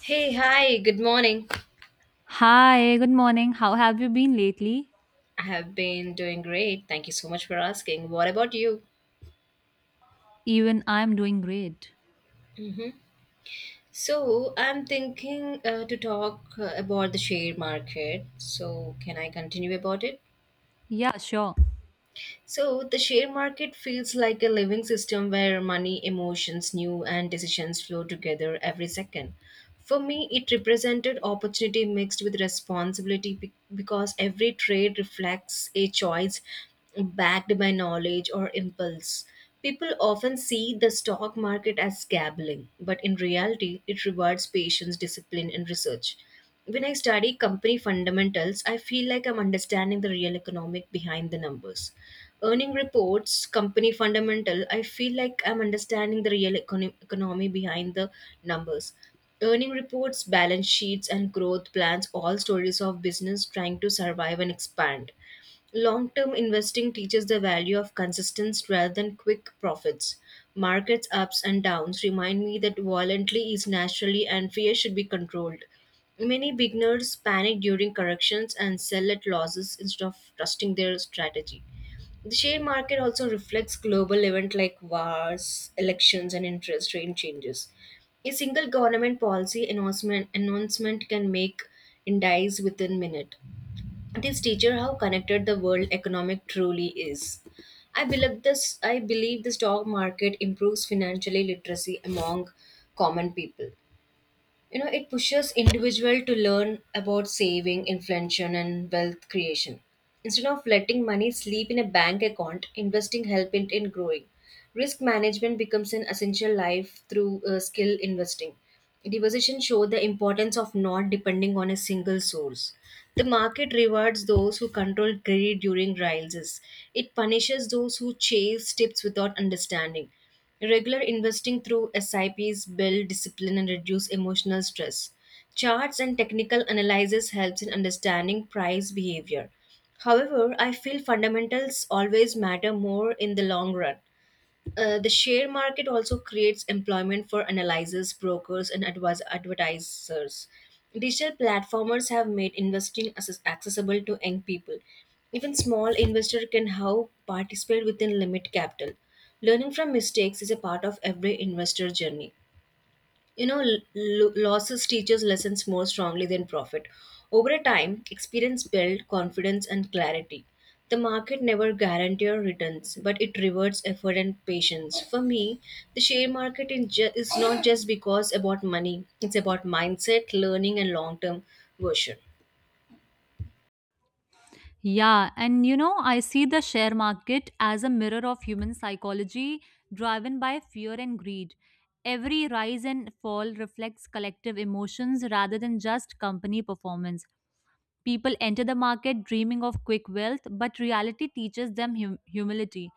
Hey, hi, good morning. Hi, good morning. How have you been lately? I have been doing great. Thank you so much for asking. What about you? Even I'm doing great. Hmm. So, I'm thinking to talk about the share market. So, can I continue about it? Yeah, sure. So the share market feels like a living system where money, emotions, new and decisions flow together every second. For me, it represented opportunity mixed with responsibility because every trade reflects a choice backed by knowledge or impulse. People often see the stock market as gambling, but in reality, it rewards patience, discipline, and research. When I study company fundamentals, I feel like I'm understanding the real economic behind the numbers. Earning reports, company fundamental, I feel like I'm understanding the real economy behind the numbers. Earning reports, balance sheets, and growth plans, all stories of business trying to survive and expand. Long term investing teaches the value of consistency rather than quick profits. Markets' ups and downs remind me that volatility is naturally and fear should be controlled. Many beginners panic during corrections and sell at losses instead of trusting their strategy. The share market also reflects global events like wars, elections, and interest rate changes. A single government policy announcement can make indices within minute. This teacher how connected the world economic truly is. I believe the stock market improves financially literacy among common people. It pushes individual to learn about saving, inflation, and wealth creation. Instead of letting money sleep in a bank account, investing help it in growing. Risk management becomes an essential life through skill investing. Depositions show the importance of not depending on a single source. The market rewards those who control greed during rises. It punishes those who chase tips without understanding. Regular investing through SIPs build discipline and reduce emotional stress. Charts and technical analysis helps in understanding price behavior. However, I feel fundamentals always matter more in the long run. The share market also creates employment for analyzers, brokers, and advertisers. Digital platformers have made investing accessible to young people. Even small investor can how participate within limit capital. Learning from mistakes is a part of every investor journey. Losses teaches lessons more strongly than profit. Over a time, experience builds confidence and clarity. The market never guarantees returns, but it rewards effort and patience. For me, the share market is not just because about money; it's about mindset, learning, and long-term version. I see the share market as a mirror of human psychology driven by fear and greed. Every rise and fall reflects collective emotions rather than just company performance. People enter the market dreaming of quick wealth, but reality teaches them humility.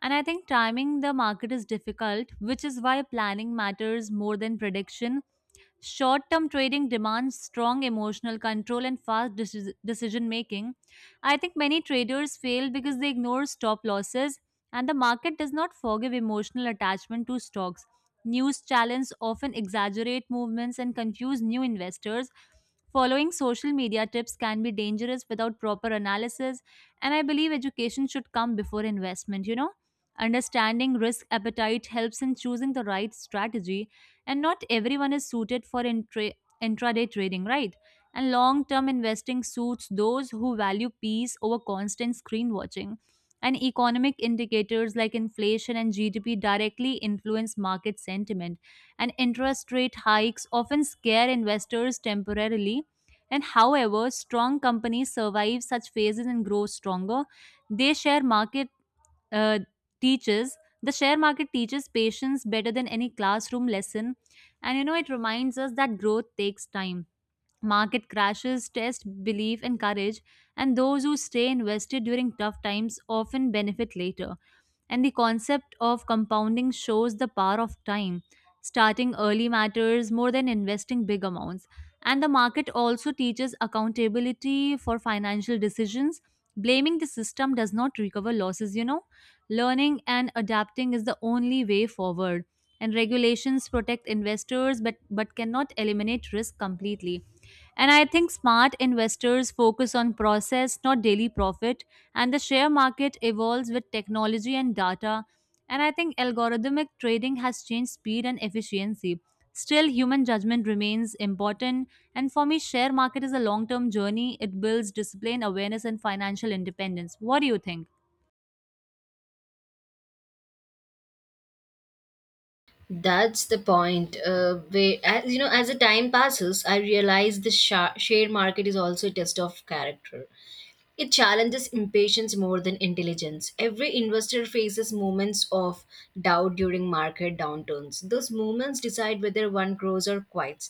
And I think timing the market is difficult, which is why planning matters more than prediction. Short term trading demands strong emotional control and fast decision making. I think many traders fail because they ignore stop losses, and the market does not forgive emotional attachment to stocks. News channels often exaggerate movements and confuse new investors. Following social media tips can be dangerous without proper analysis, and I believe education should come before investment, Understanding risk appetite helps in choosing the right strategy, and not everyone is suited for intraday trading, right? And long term investing suits those who value peace over constant screen watching. And economic indicators like inflation and GDP directly influence market sentiment. And interest rate hikes often scare investors temporarily. And however, strong companies survive such phases and grow stronger. They share market uh, teaches the share market teaches patience better than any classroom lesson, and it reminds us that growth takes time. Market crashes test belief and courage, and those who stay invested during tough times often benefit later. And the concept of compounding shows the power of time. Starting early matters more than investing big amounts. And the market also teaches accountability for financial decisions. Blaming the system does not recover losses. Learning and adapting is the only way forward, and regulations protect investors, but cannot eliminate risk completely. And I think smart investors focus on process, not daily profit. And the share market evolves with technology and data, and I think algorithmic trading has changed speed and efficiency. Still, human judgment remains important. And for me, share market is a long term journey. It builds discipline, awareness, and financial independence. What do you think? That's the point. Where, as, as the time passes, I realize the share market is also a test of character. It challenges impatience more than intelligence. Every investor faces moments of doubt during market downturns. Those moments decide whether one grows or quits.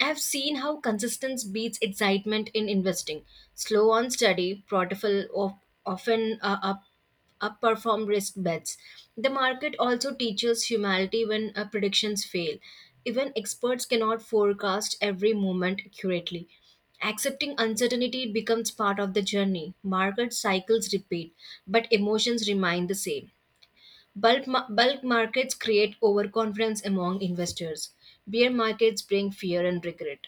I've seen how consistency beats excitement in investing. Slow on study, portfolio often up upper from risk bets. The market also teaches humanity when predictions fail. Even experts cannot forecast every moment accurately. Accepting uncertainty becomes part of the journey. Market cycles repeat, but emotions remain the same. Bulk markets create overconfidence among investors. Bear markets bring fear and regret.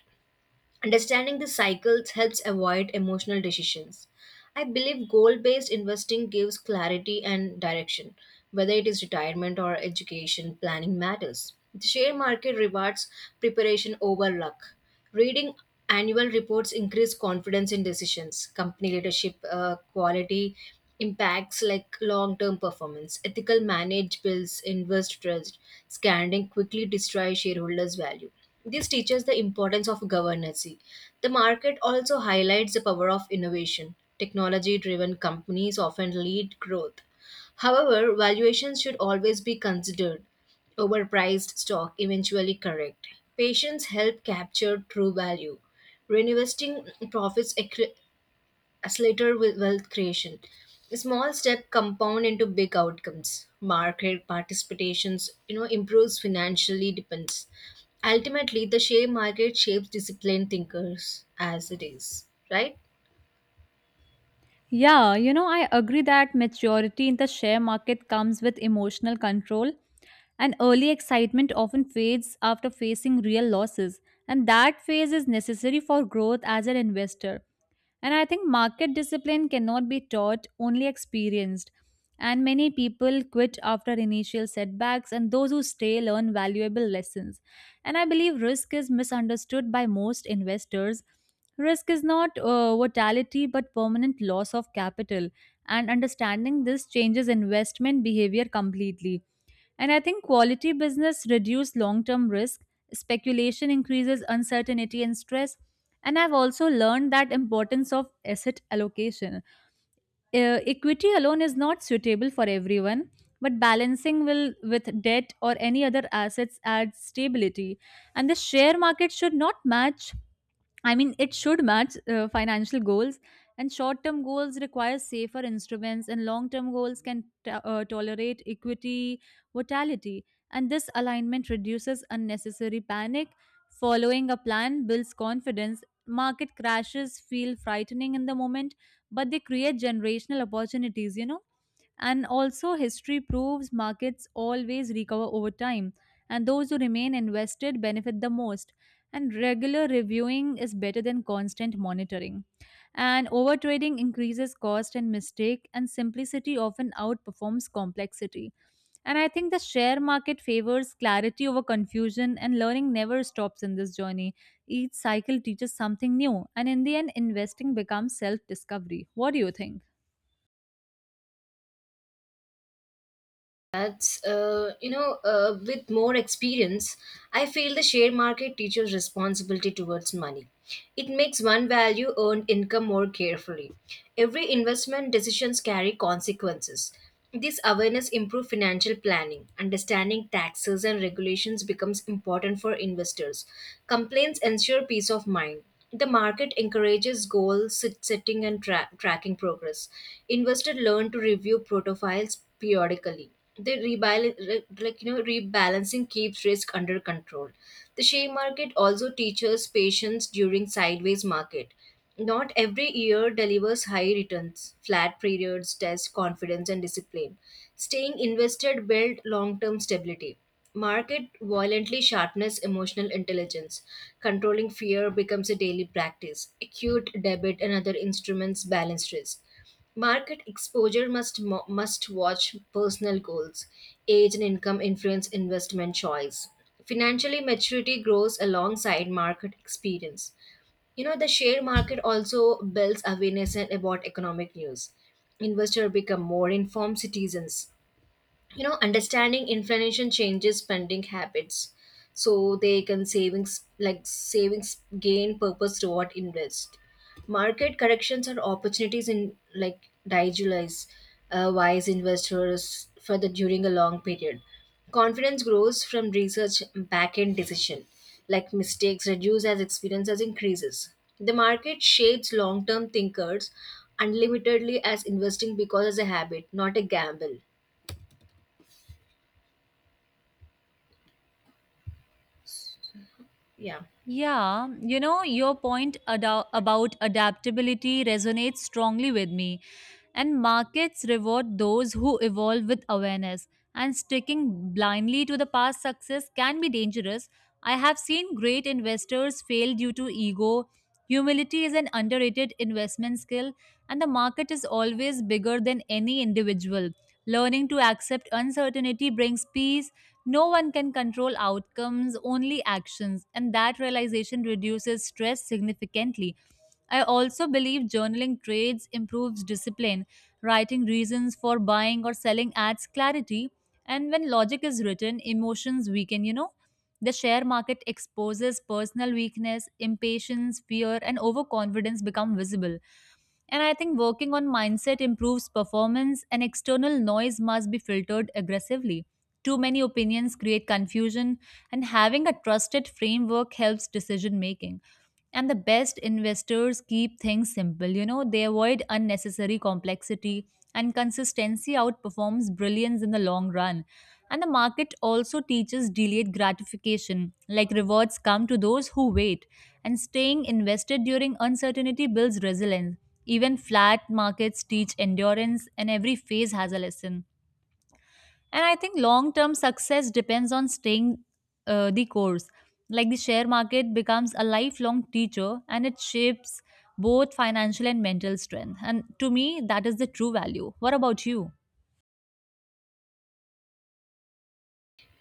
Understanding the cycles helps avoid emotional decisions. I believe goal based investing gives clarity and direction, whether it is retirement or education planning matters. The share market rewards preparation over luck. Reading annual reports increase confidence in decisions, company leadership quality, impacts like long-term performance. Ethical managed bills, invest trust, scanning quickly destroy shareholders' value. This teaches the importance of governance. The market also highlights the power of innovation. Technology-driven companies often lead growth. However, valuations should always be considered. Overpriced stock eventually correct. Patience help capture true value. Reinvesting profits as later with wealth creation. Small step compound into big outcomes. Market participations, improves financially depends. Ultimately, the share market shapes disciplined thinkers as it is, right? I agree that maturity in the share market comes with emotional control, and early excitement often fades after facing real losses. And that phase is necessary for growth as an investor. And I think market discipline cannot be taught, only experienced. And many people quit after initial setbacks, and those who stay learn valuable lessons. And I believe risk is misunderstood by most investors. Risk is not volatility but permanent loss of capital, and understanding this changes investment behavior completely. And I think quality business reduce long-term risk, speculation increases uncertainty and stress. And I've also learned that importance of asset allocation. Equity alone is not suitable for everyone, but balancing will with debt or any other assets adds stability. And the share market should not match I mean, it should match financial goals, and short term goals require safer instruments, and long term goals can tolerate equity volatility. And this alignment reduces unnecessary panic. Following a plan builds confidence. Market crashes feel frightening in the moment, but they create generational opportunities. And also, history proves markets always recover over time, and those who remain invested benefit the most. And regular reviewing is better than constant monitoring. And overtrading increases cost and mistake, and simplicity often outperforms complexity. And I think the share market favors clarity over confusion, and learning never stops in this journey. Each cycle teaches something new, and in the end, investing becomes self discovery. What do you think? With more experience, I feel the share market teaches responsibility towards money. It makes one value earned income more carefully. Every investment decisions carry consequences. This awareness improves financial planning. Understanding taxes and regulations becomes important for investors. Complaints ensure peace of mind. The market encourages goal setting and tracking progress. Investors learn to review profiles periodically. The like, rebalancing keeps risk under control. The share market also teaches patience during sideways market. Not every year delivers high returns. Flat periods test confidence and discipline. Staying invested build long-term stability. Market violently sharpness emotional intelligence. Controlling fear becomes a daily practice. Acute debit and other instruments balance risk. Market exposure must watch personal goals. Age and income influence investment choice. Financially maturity grows alongside market experience. The share market also builds awareness and about economic news. Investors become more informed citizens. Understanding inflation changes spending habits, so they can savings, like savings gain purpose reward invest. Market corrections are opportunities in, like, digitalize wise investors further during a long period. Confidence grows from research back end decision, like mistakes reduce as experience as increases. The market shapes long term thinkers unlimitedly as investing because as a habit, not a gamble. Yeah. Your point about adaptability resonates strongly with me. And markets reward those who evolve with awareness. And sticking blindly to the past success can be dangerous. I have seen great investors fail due to ego. Humility is an underrated investment skill, and the market is always bigger than any individual. Learning to accept uncertainty brings peace. No one can control outcomes, only actions, and that realization reduces stress significantly. I also believe journaling trades improves discipline. Writing reasons for buying or selling adds clarity, and when logic is written, emotions weaken. The share market exposes personal weakness, impatience, fear, and overconfidence become visible. And I think working on mindset improves performance, and external noise must be filtered aggressively. Too many opinions create confusion, and having a trusted framework helps decision making. And the best investors keep things simple, they avoid unnecessary complexity, and consistency outperforms brilliance in the long run. And the market also teaches delayed gratification, like rewards come to those who wait, and staying invested during uncertainty builds resilience. Even flat markets teach endurance, and every phase has a lesson. And I think long term success depends on staying the course. Like the share market becomes a lifelong teacher, and it shapes both financial and mental strength. And to me, that is the true value. What about you?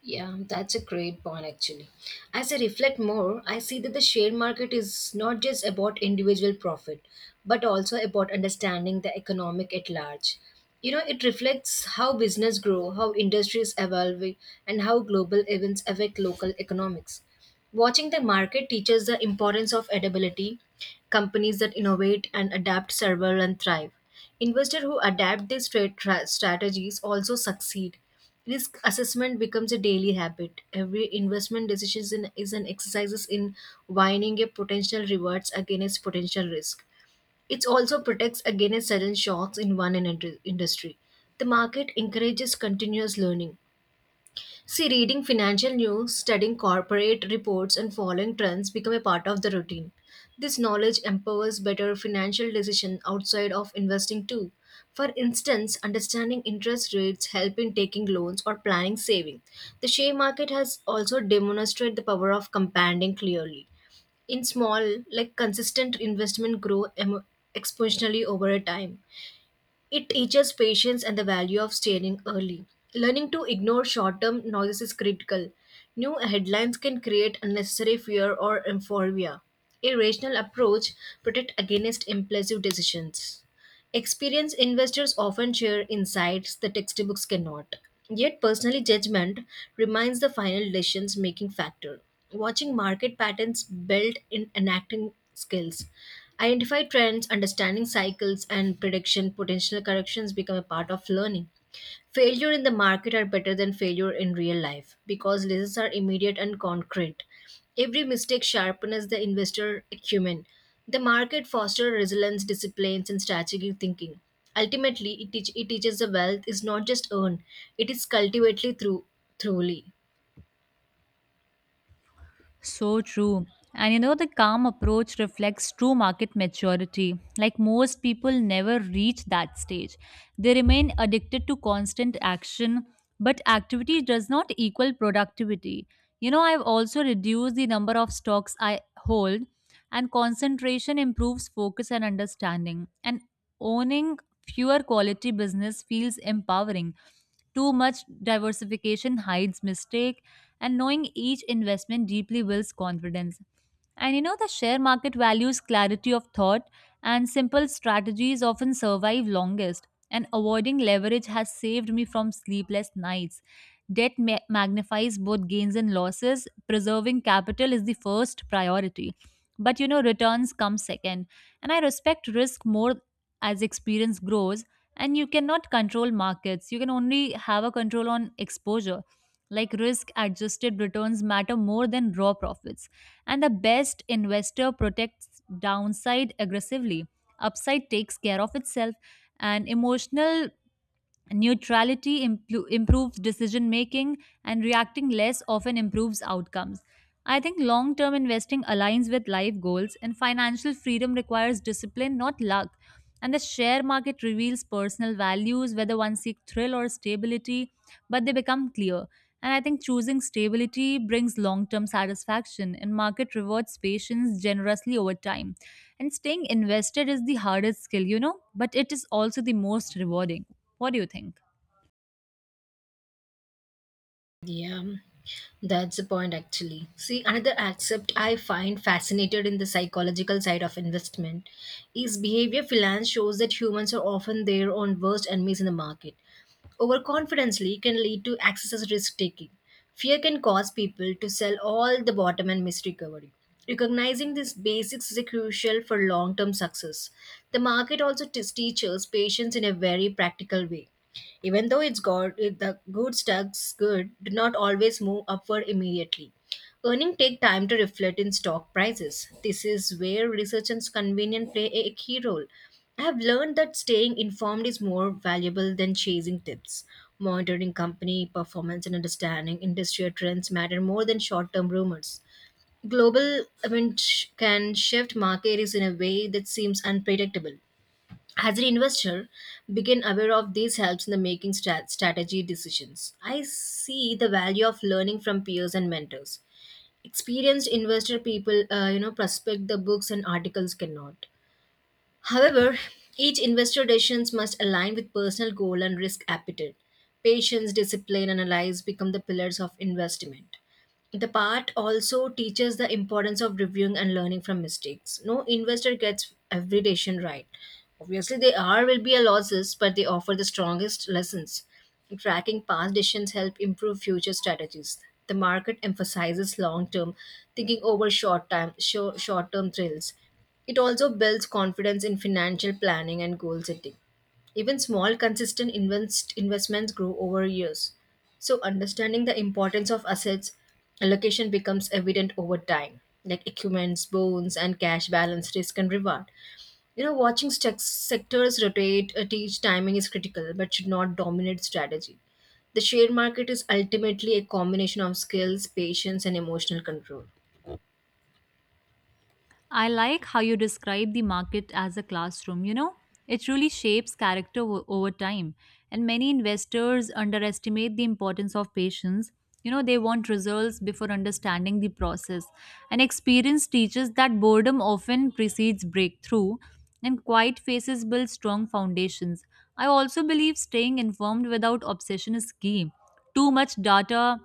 Yeah, that's a great point actually. As I reflect more, I see that the share market is not just about individual profit, but also about understanding the economic at large. It reflects how business grow, how industries evolve, and how global events affect local economics. Watching the market teaches the importance of adaptability, companies that innovate and adapt survive and thrive. Investors who adapt these trade strategies also succeed. Risk assessment becomes a daily habit. Every investment decision is an exercise in weighing a potential rewards against potential risk. It also protects against sudden shocks in one and industry. The market encourages continuous learning. See, reading financial news, studying corporate reports, and following trends become a part of the routine. This knowledge empowers better financial decisions outside of investing too. For instance, understanding interest rates help in taking loans or planning saving. The share market has also demonstrated the power of compounding clearly. In small, like consistent investment grow exponentially over a time. It teaches patience and the value of steering early. Learning to ignore short term noises is critical. New headlines can create unnecessary fear or euphoria. A rational approach protects against impulsive decisions. Experienced investors often share insights the textbooks cannot. Yet, personally, judgment remains the final decisions making factor. Watching market patterns build in enacting skills. Identify trends, understanding cycles, and prediction potential corrections become a part of learning. Failure in the market are better than failure in real life because lessons are immediate and concrete. Every mistake sharpens the investor acumen. The market fosters resilience, disciplines, and strategic thinking. Ultimately, it teaches the wealth is not just earned, it is cultivated through, thoroughly. So true. The calm approach reflects true market maturity. Like most people never reach that stage. They remain addicted to constant action, but activity does not equal productivity. I've also reduced the number of stocks I hold, and concentration improves focus and understanding. And owning fewer quality business feels empowering. Too much diversification hides mistakes, and knowing each investment deeply builds confidence. The share market values clarity of thought, and simple strategies often survive longest. And avoiding leverage has saved me from sleepless nights. Debt magnifies both gains and losses. Preserving capital is the first priority. But returns come second. And I respect risk more as experience grows. And you cannot control markets, you can only have a control on exposure. Like risk adjusted returns matter more than raw profits, and the best investor protects downside aggressively. Upside takes care of itself. And emotional neutrality improves decision making, and reacting less often improves outcomes. I think long term investing aligns with life goals, and financial freedom requires discipline, not luck. And the share market reveals personal values, whether one seeks thrill or stability, but they become clear. And I think choosing stability brings long term satisfaction, and market rewards patience generously over time. And staying invested is the hardest skill, but it is also the most rewarding. What do you think? Yeah, that's the point actually. See, another aspect I find fascinated in the psychological side of investment is behavior finance shows that humans are often their own worst enemies in the market. Overconfidently can lead to excessive risk taking. Fear can cause people to sell all the bottom and miss recovery. Recognizing these basics is crucial for long term success. The market also teaches patience in a very practical way. Even though it's good, the good stocks good do not always move upward immediately. Earning take time to reflect in stock prices. This is where research and convenience play a key role. I have learned that staying informed is more valuable than chasing tips. Monitoring company performance and understanding industrial trends matter more than short-term rumors. Global events can shift markets in a way that seems unpredictable. As an investor, begin aware of these helps in the making strategy decisions. I see the value of learning from peers and mentors. Experienced investor people, prospect the books and articles cannot. However, each investor decisions must align with personal goal and risk appetite. Patience, discipline, and analyze become the pillars of investment. The part also teaches the importance of reviewing and learning from mistakes. No investor gets every decision right. Obviously, there are will be a losses, but they offer the strongest lessons. Tracking past decisions help improve future strategies. The market emphasizes long-term thinking over short-time, short-term thrills. It also builds confidence in financial planning and goal setting. Even small, consistent investments grow over years. So, understanding the importance of assets allocation becomes evident over time, like equipments, bonds, and cash balance, risk, and reward. Watching sectors rotate at each timing is critical but should not dominate strategy. The share market is ultimately a combination of skills, patience, and emotional control. I like how you describe the market as a classroom. It really shapes character over time. And many investors underestimate the importance of patience. They want results before understanding the process. And experience teaches that boredom often precedes breakthrough, and quiet faces build strong foundations. I also believe staying informed without obsession is key. Too much data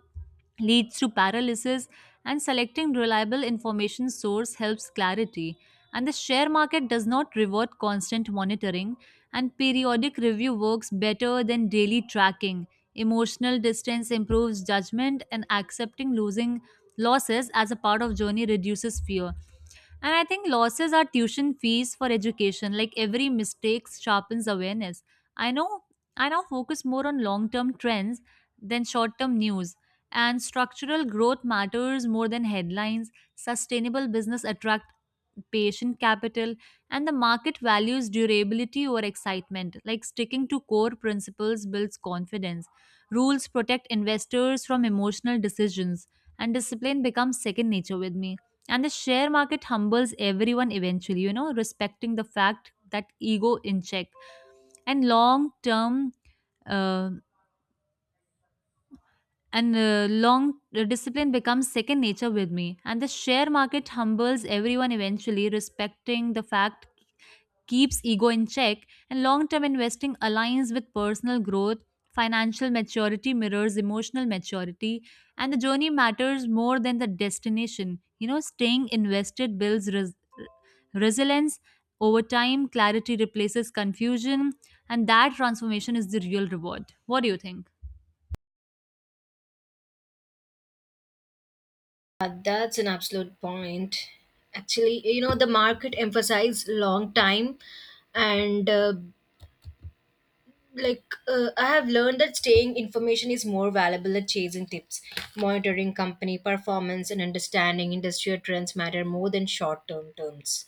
leads to paralysis, and selecting reliable information source helps clarity. And the share market does not reward constant monitoring, and periodic review works better than daily tracking. Emotional distance improves judgment, and accepting losing losses as a part of journey reduces fear. And I think losses are tuition fees for education. Like every mistake sharpens awareness. I know I now focus more on long term trends than short term news. And structural growth matters more than headlines. Sustainable business attract patient capital, and the market values durability over excitement. Like sticking to core principles builds confidence. Rules protect investors from emotional decisions, and discipline becomes second nature with me. And the share market humbles everyone eventually, respecting the fact that ego in check and long term uh, and long discipline becomes second nature with me, and the share market humbles everyone eventually, respecting the fact keeps ego in check, and long term investing aligns with personal growth. Financial maturity mirrors emotional maturity, and the journey matters more than the destination. Staying invested builds resilience over time, clarity replaces confusion, and that transformation is the real reward. What do you think? That's an absolute point. Actually, the market emphasizes long time, and like I have learned that staying information is more valuable than chasing tips. Monitoring company performance and understanding industrial trends matter more than short term terms.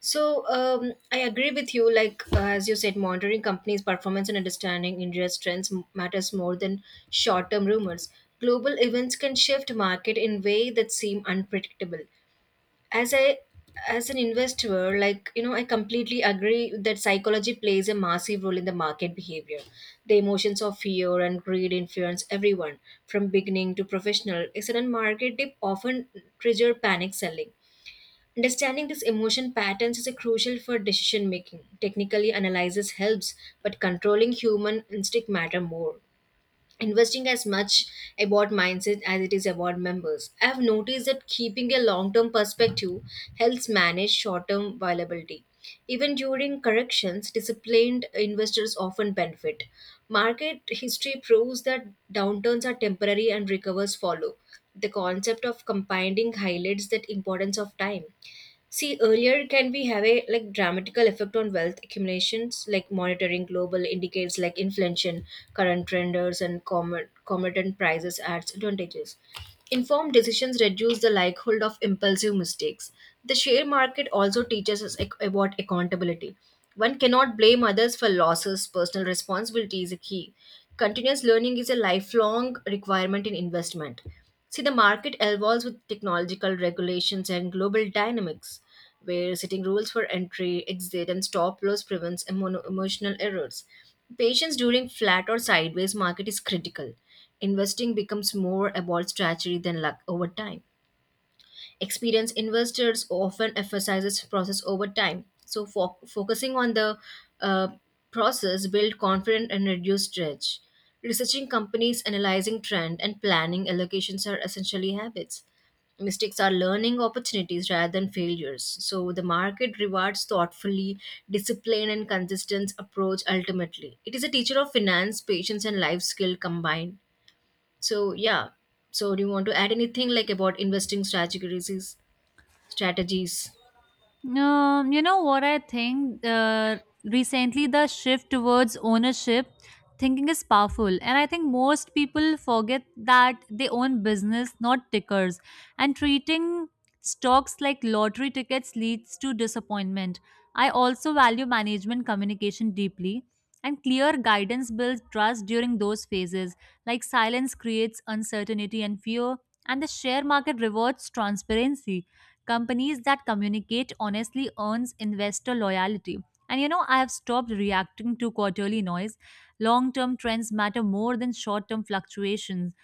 So I agree with you. As you said, monitoring companies' performance and understanding India's trends matters more than short-term rumors. Global events can shift market in way that seem unpredictable as i as an investor, I completely agree that psychology plays a massive role in the market behavior. The emotions of fear and greed influence everyone from beginning to professional. A sudden market dip often trigger panic selling. Understanding these emotion patterns is a crucial for decision making. Technically analysis helps, but controlling human instinct matter more. Investing as much about mindset as it is about members. I have noticed that keeping a long term perspective helps manage short term volatility. Even during corrections, disciplined investors often benefit. Market history proves that downturns are temporary and recovers follow. The concept of compounding highlights that importance of time. See, earlier can we have a like dramatical effect on wealth accumulations, like monitoring global indicators like inflation, current trenders, and commodity prices adds advantages. Informed decisions reduce the likelihood of impulsive mistakes. The share market also teaches us about accountability. One cannot blame others for losses. Personal responsibility is a key. Continuous learning is a lifelong requirement in investment. See, the market evolves with technological regulations and global dynamics, where setting rules for entry, exit, and stop loss prevents emotional errors. Patience during flat or sideways market is critical. Investing becomes more about strategy than luck over time. Experienced investors often emphasizes process over time, so focusing on the uh, process build confidence and reduce stress. Researching companies, analyzing trend and planning allocations are essentially habits. Mistakes are learning opportunities rather than failures. So the market rewards thoughtfully discipline and consistent approach. Ultimately it is a teacher of finance, patience, and life skill combined. So yeah, so do you want to add anything like about investing strategies. What I think? Recently, the shift towards ownership thinking is powerful, and I think most people forget that they own business, not tickers. And treating stocks like lottery tickets leads to disappointment. I also value management communication deeply, and clear guidance builds trust during those phases. Like silence creates uncertainty and fear, and the share market rewards transparency. Companies that communicate honestly earns investor loyalty. I have stopped reacting to quarterly noise. Long-term trends matter more than short-term fluctuations.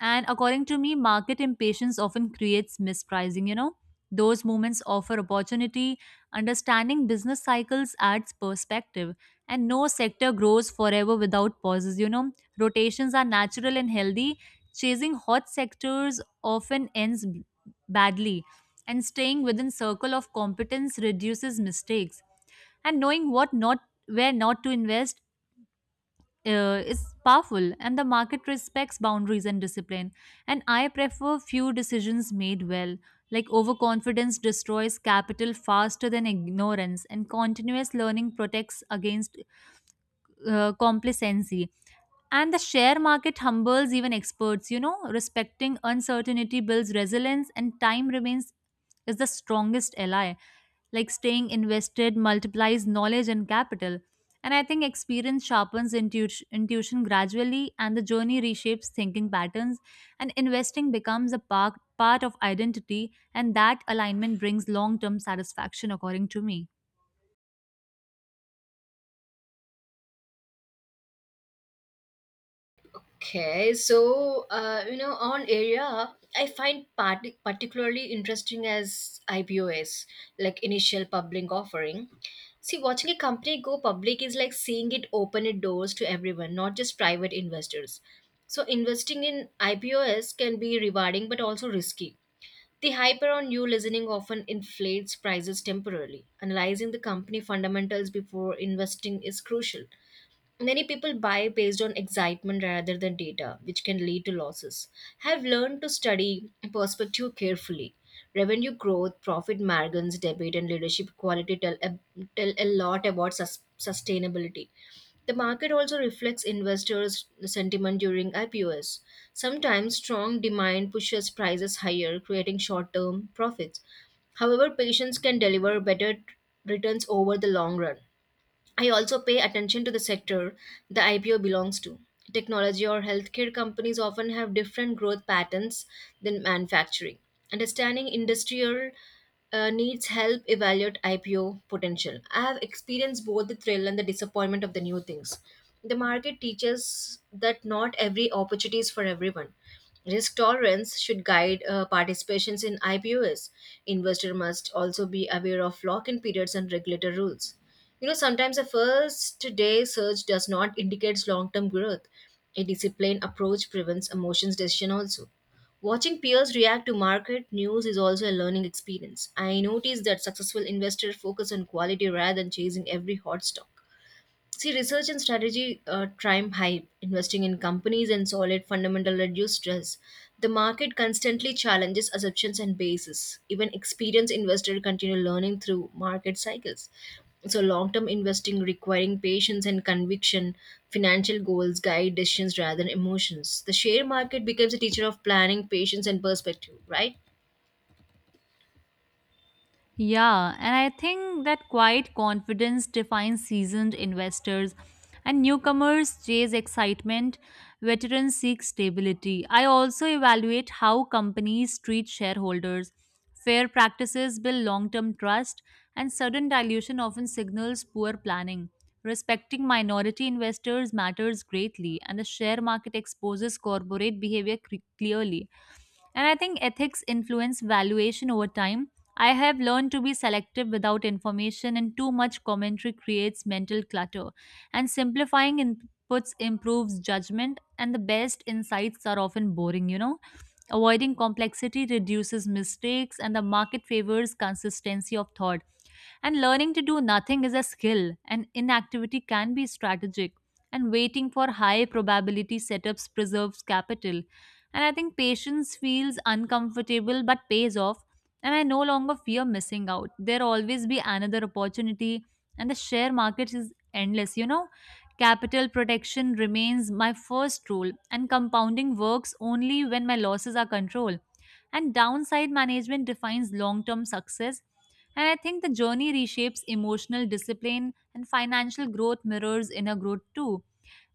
And according to me, market impatience often creates mispricing. Those moments offer opportunity. Understanding business cycles adds perspective. And no sector grows forever without pauses. Rotations are natural and healthy. Chasing hot sectors often ends badly, and staying within circle of competence reduces mistakes, and knowing what not where not to invest is powerful, and the market respects boundaries and discipline. And I prefer few decisions made well. Like overconfidence destroys capital faster than ignorance, and continuous learning protects against complacency. And the share market humbles even experts. Respecting uncertainty builds resilience, and time remains is the strongest ally. Like staying invested multiplies knowledge and capital. And I think experience sharpens intuition gradually, and the journey reshapes thinking patterns. And investing becomes part of identity, and that alignment brings long term satisfaction, according to me. Okay, so you know, on area, I find particularly interesting as IPOs, like initial public offering. See, watching a company go public is like seeing it open its doors to everyone, not just private investors. So, investing in IPOs can be rewarding but also risky. The hype around new listening often inflates prices temporarily. Analyzing the company fundamentals before investing is crucial. Many people buy based on excitement rather than data, which can lead to losses. Have learned to study perspective carefully. Revenue growth, profit margins, debate, and leadership quality tell a lot about sustainability. The market also reflects investors' sentiment during IPOs. Sometimes strong demand pushes prices higher, creating short term profits. However, patience can deliver better returns over the long run. I also pay attention to the sector the IPO belongs to. Technology or healthcare companies often have different growth patterns than manufacturing. Understanding industrial needs help evaluate IPO potential. I have experienced both the thrill and the disappointment of the new things. The market teaches that not every opportunity is for everyone. Risk tolerance should guide participations in IPOs. Investor must also be aware of lock-in periods and regulator rules. You know, sometimes a first day surge does not indicate long term growth. A disciplined approach prevents emotions decision also. Watching peers react to market news is also a learning experience. I noticed that successful investors focus on quality rather than chasing every hot stock. See, research and strategy time hype, investing in companies and solid fundamental reduce stress. The market constantly challenges assumptions and bases. Even experienced investor continue learning through market cycles. So long-term investing requiring patience and conviction, financial goals guide decisions rather than emotions. The share market becomes a teacher of planning, patience, and perspective, right? Yeah, and I think that quiet confidence defines seasoned investors, and newcomers chase excitement, veterans seek stability. I also evaluate how companies treat shareholders. Fair practices build long term trust, and sudden dilution often signals poor planning. Respecting minority investors matters greatly, and the share market exposes corporate behavior clearly. And I think ethics influence valuation over time. I have learned to be selective without information, and too much commentary creates mental clutter. And simplifying inputs improves judgment, and the best insights are often boring. Avoiding complexity reduces mistakes, and the market favors consistency of thought. And learning to do nothing is a skill, and inactivity can be strategic. And waiting for high probability setups preserves capital. And I think patience feels uncomfortable but pays off. And I no longer fear missing out. There always be another opportunity, and the share market is endless. Capital protection remains my first rule, and compounding works only when my losses are controlled, and downside management defines long term success. And I think the journey reshapes emotional discipline, and financial growth mirrors inner growth too.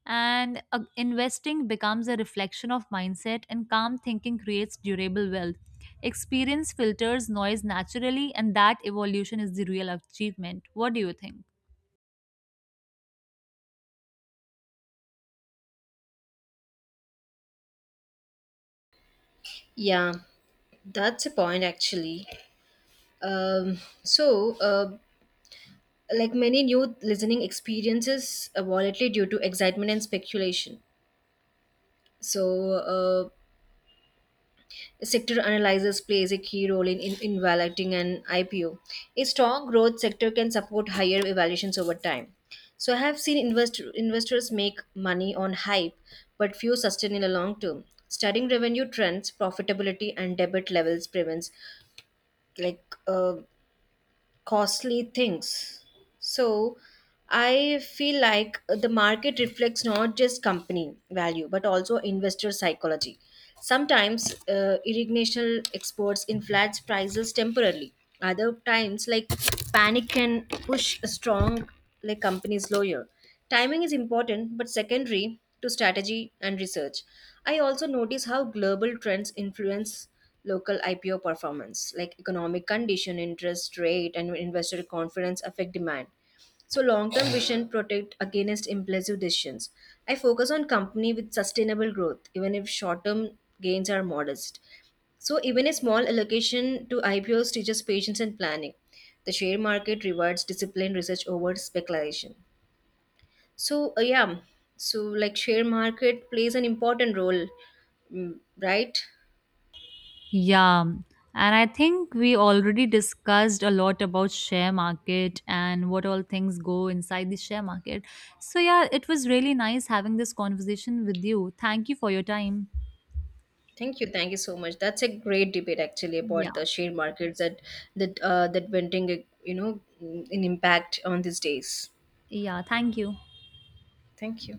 And investing becomes a reflection of mindset, and calm thinking creates durable wealth. Experience filters noise naturally, and that evolution is the real achievement. What do you think? Yeah, that's a point actually. Um, so, uh, like many new listening experiences volatility due to excitement and speculation. So sector analysis plays a key role in evaluating an IPO. A strong growth sector can support higher evaluations over time. So I have seen investors make money on hype, but few sustain in the long term. Studying revenue trends, profitability and debit levels prevents like uh, costly things. So I feel like the market reflects not just company value but also investor psychology. Sometimes irrigational exports inflates prices temporarily. Other times, like panic can push a strong like companies lower. Timing is important but secondary to strategy and research. I also notice how global trends influence local IPO performance, like economic condition, interest rate, and investor confidence affect demand. So long-term vision protect against impulsive decisions. I focus on company with sustainable growth, even if short-term gains are modest. So even a small allocation to IPOs teaches patience and planning. The share market rewards disciplined research over speculation. So, uh, yeah, so like share market plays an important role, mm, right? Yeah, and I think we already discussed a lot about share market and what all things go inside the share market. So yeah, it was really nice having this conversation with you. Thank you for your time. Thank you so much. That's a great debate actually Yeah, about the share markets that that venting, you know, an impact on these days. yeah, thank you. Thank you.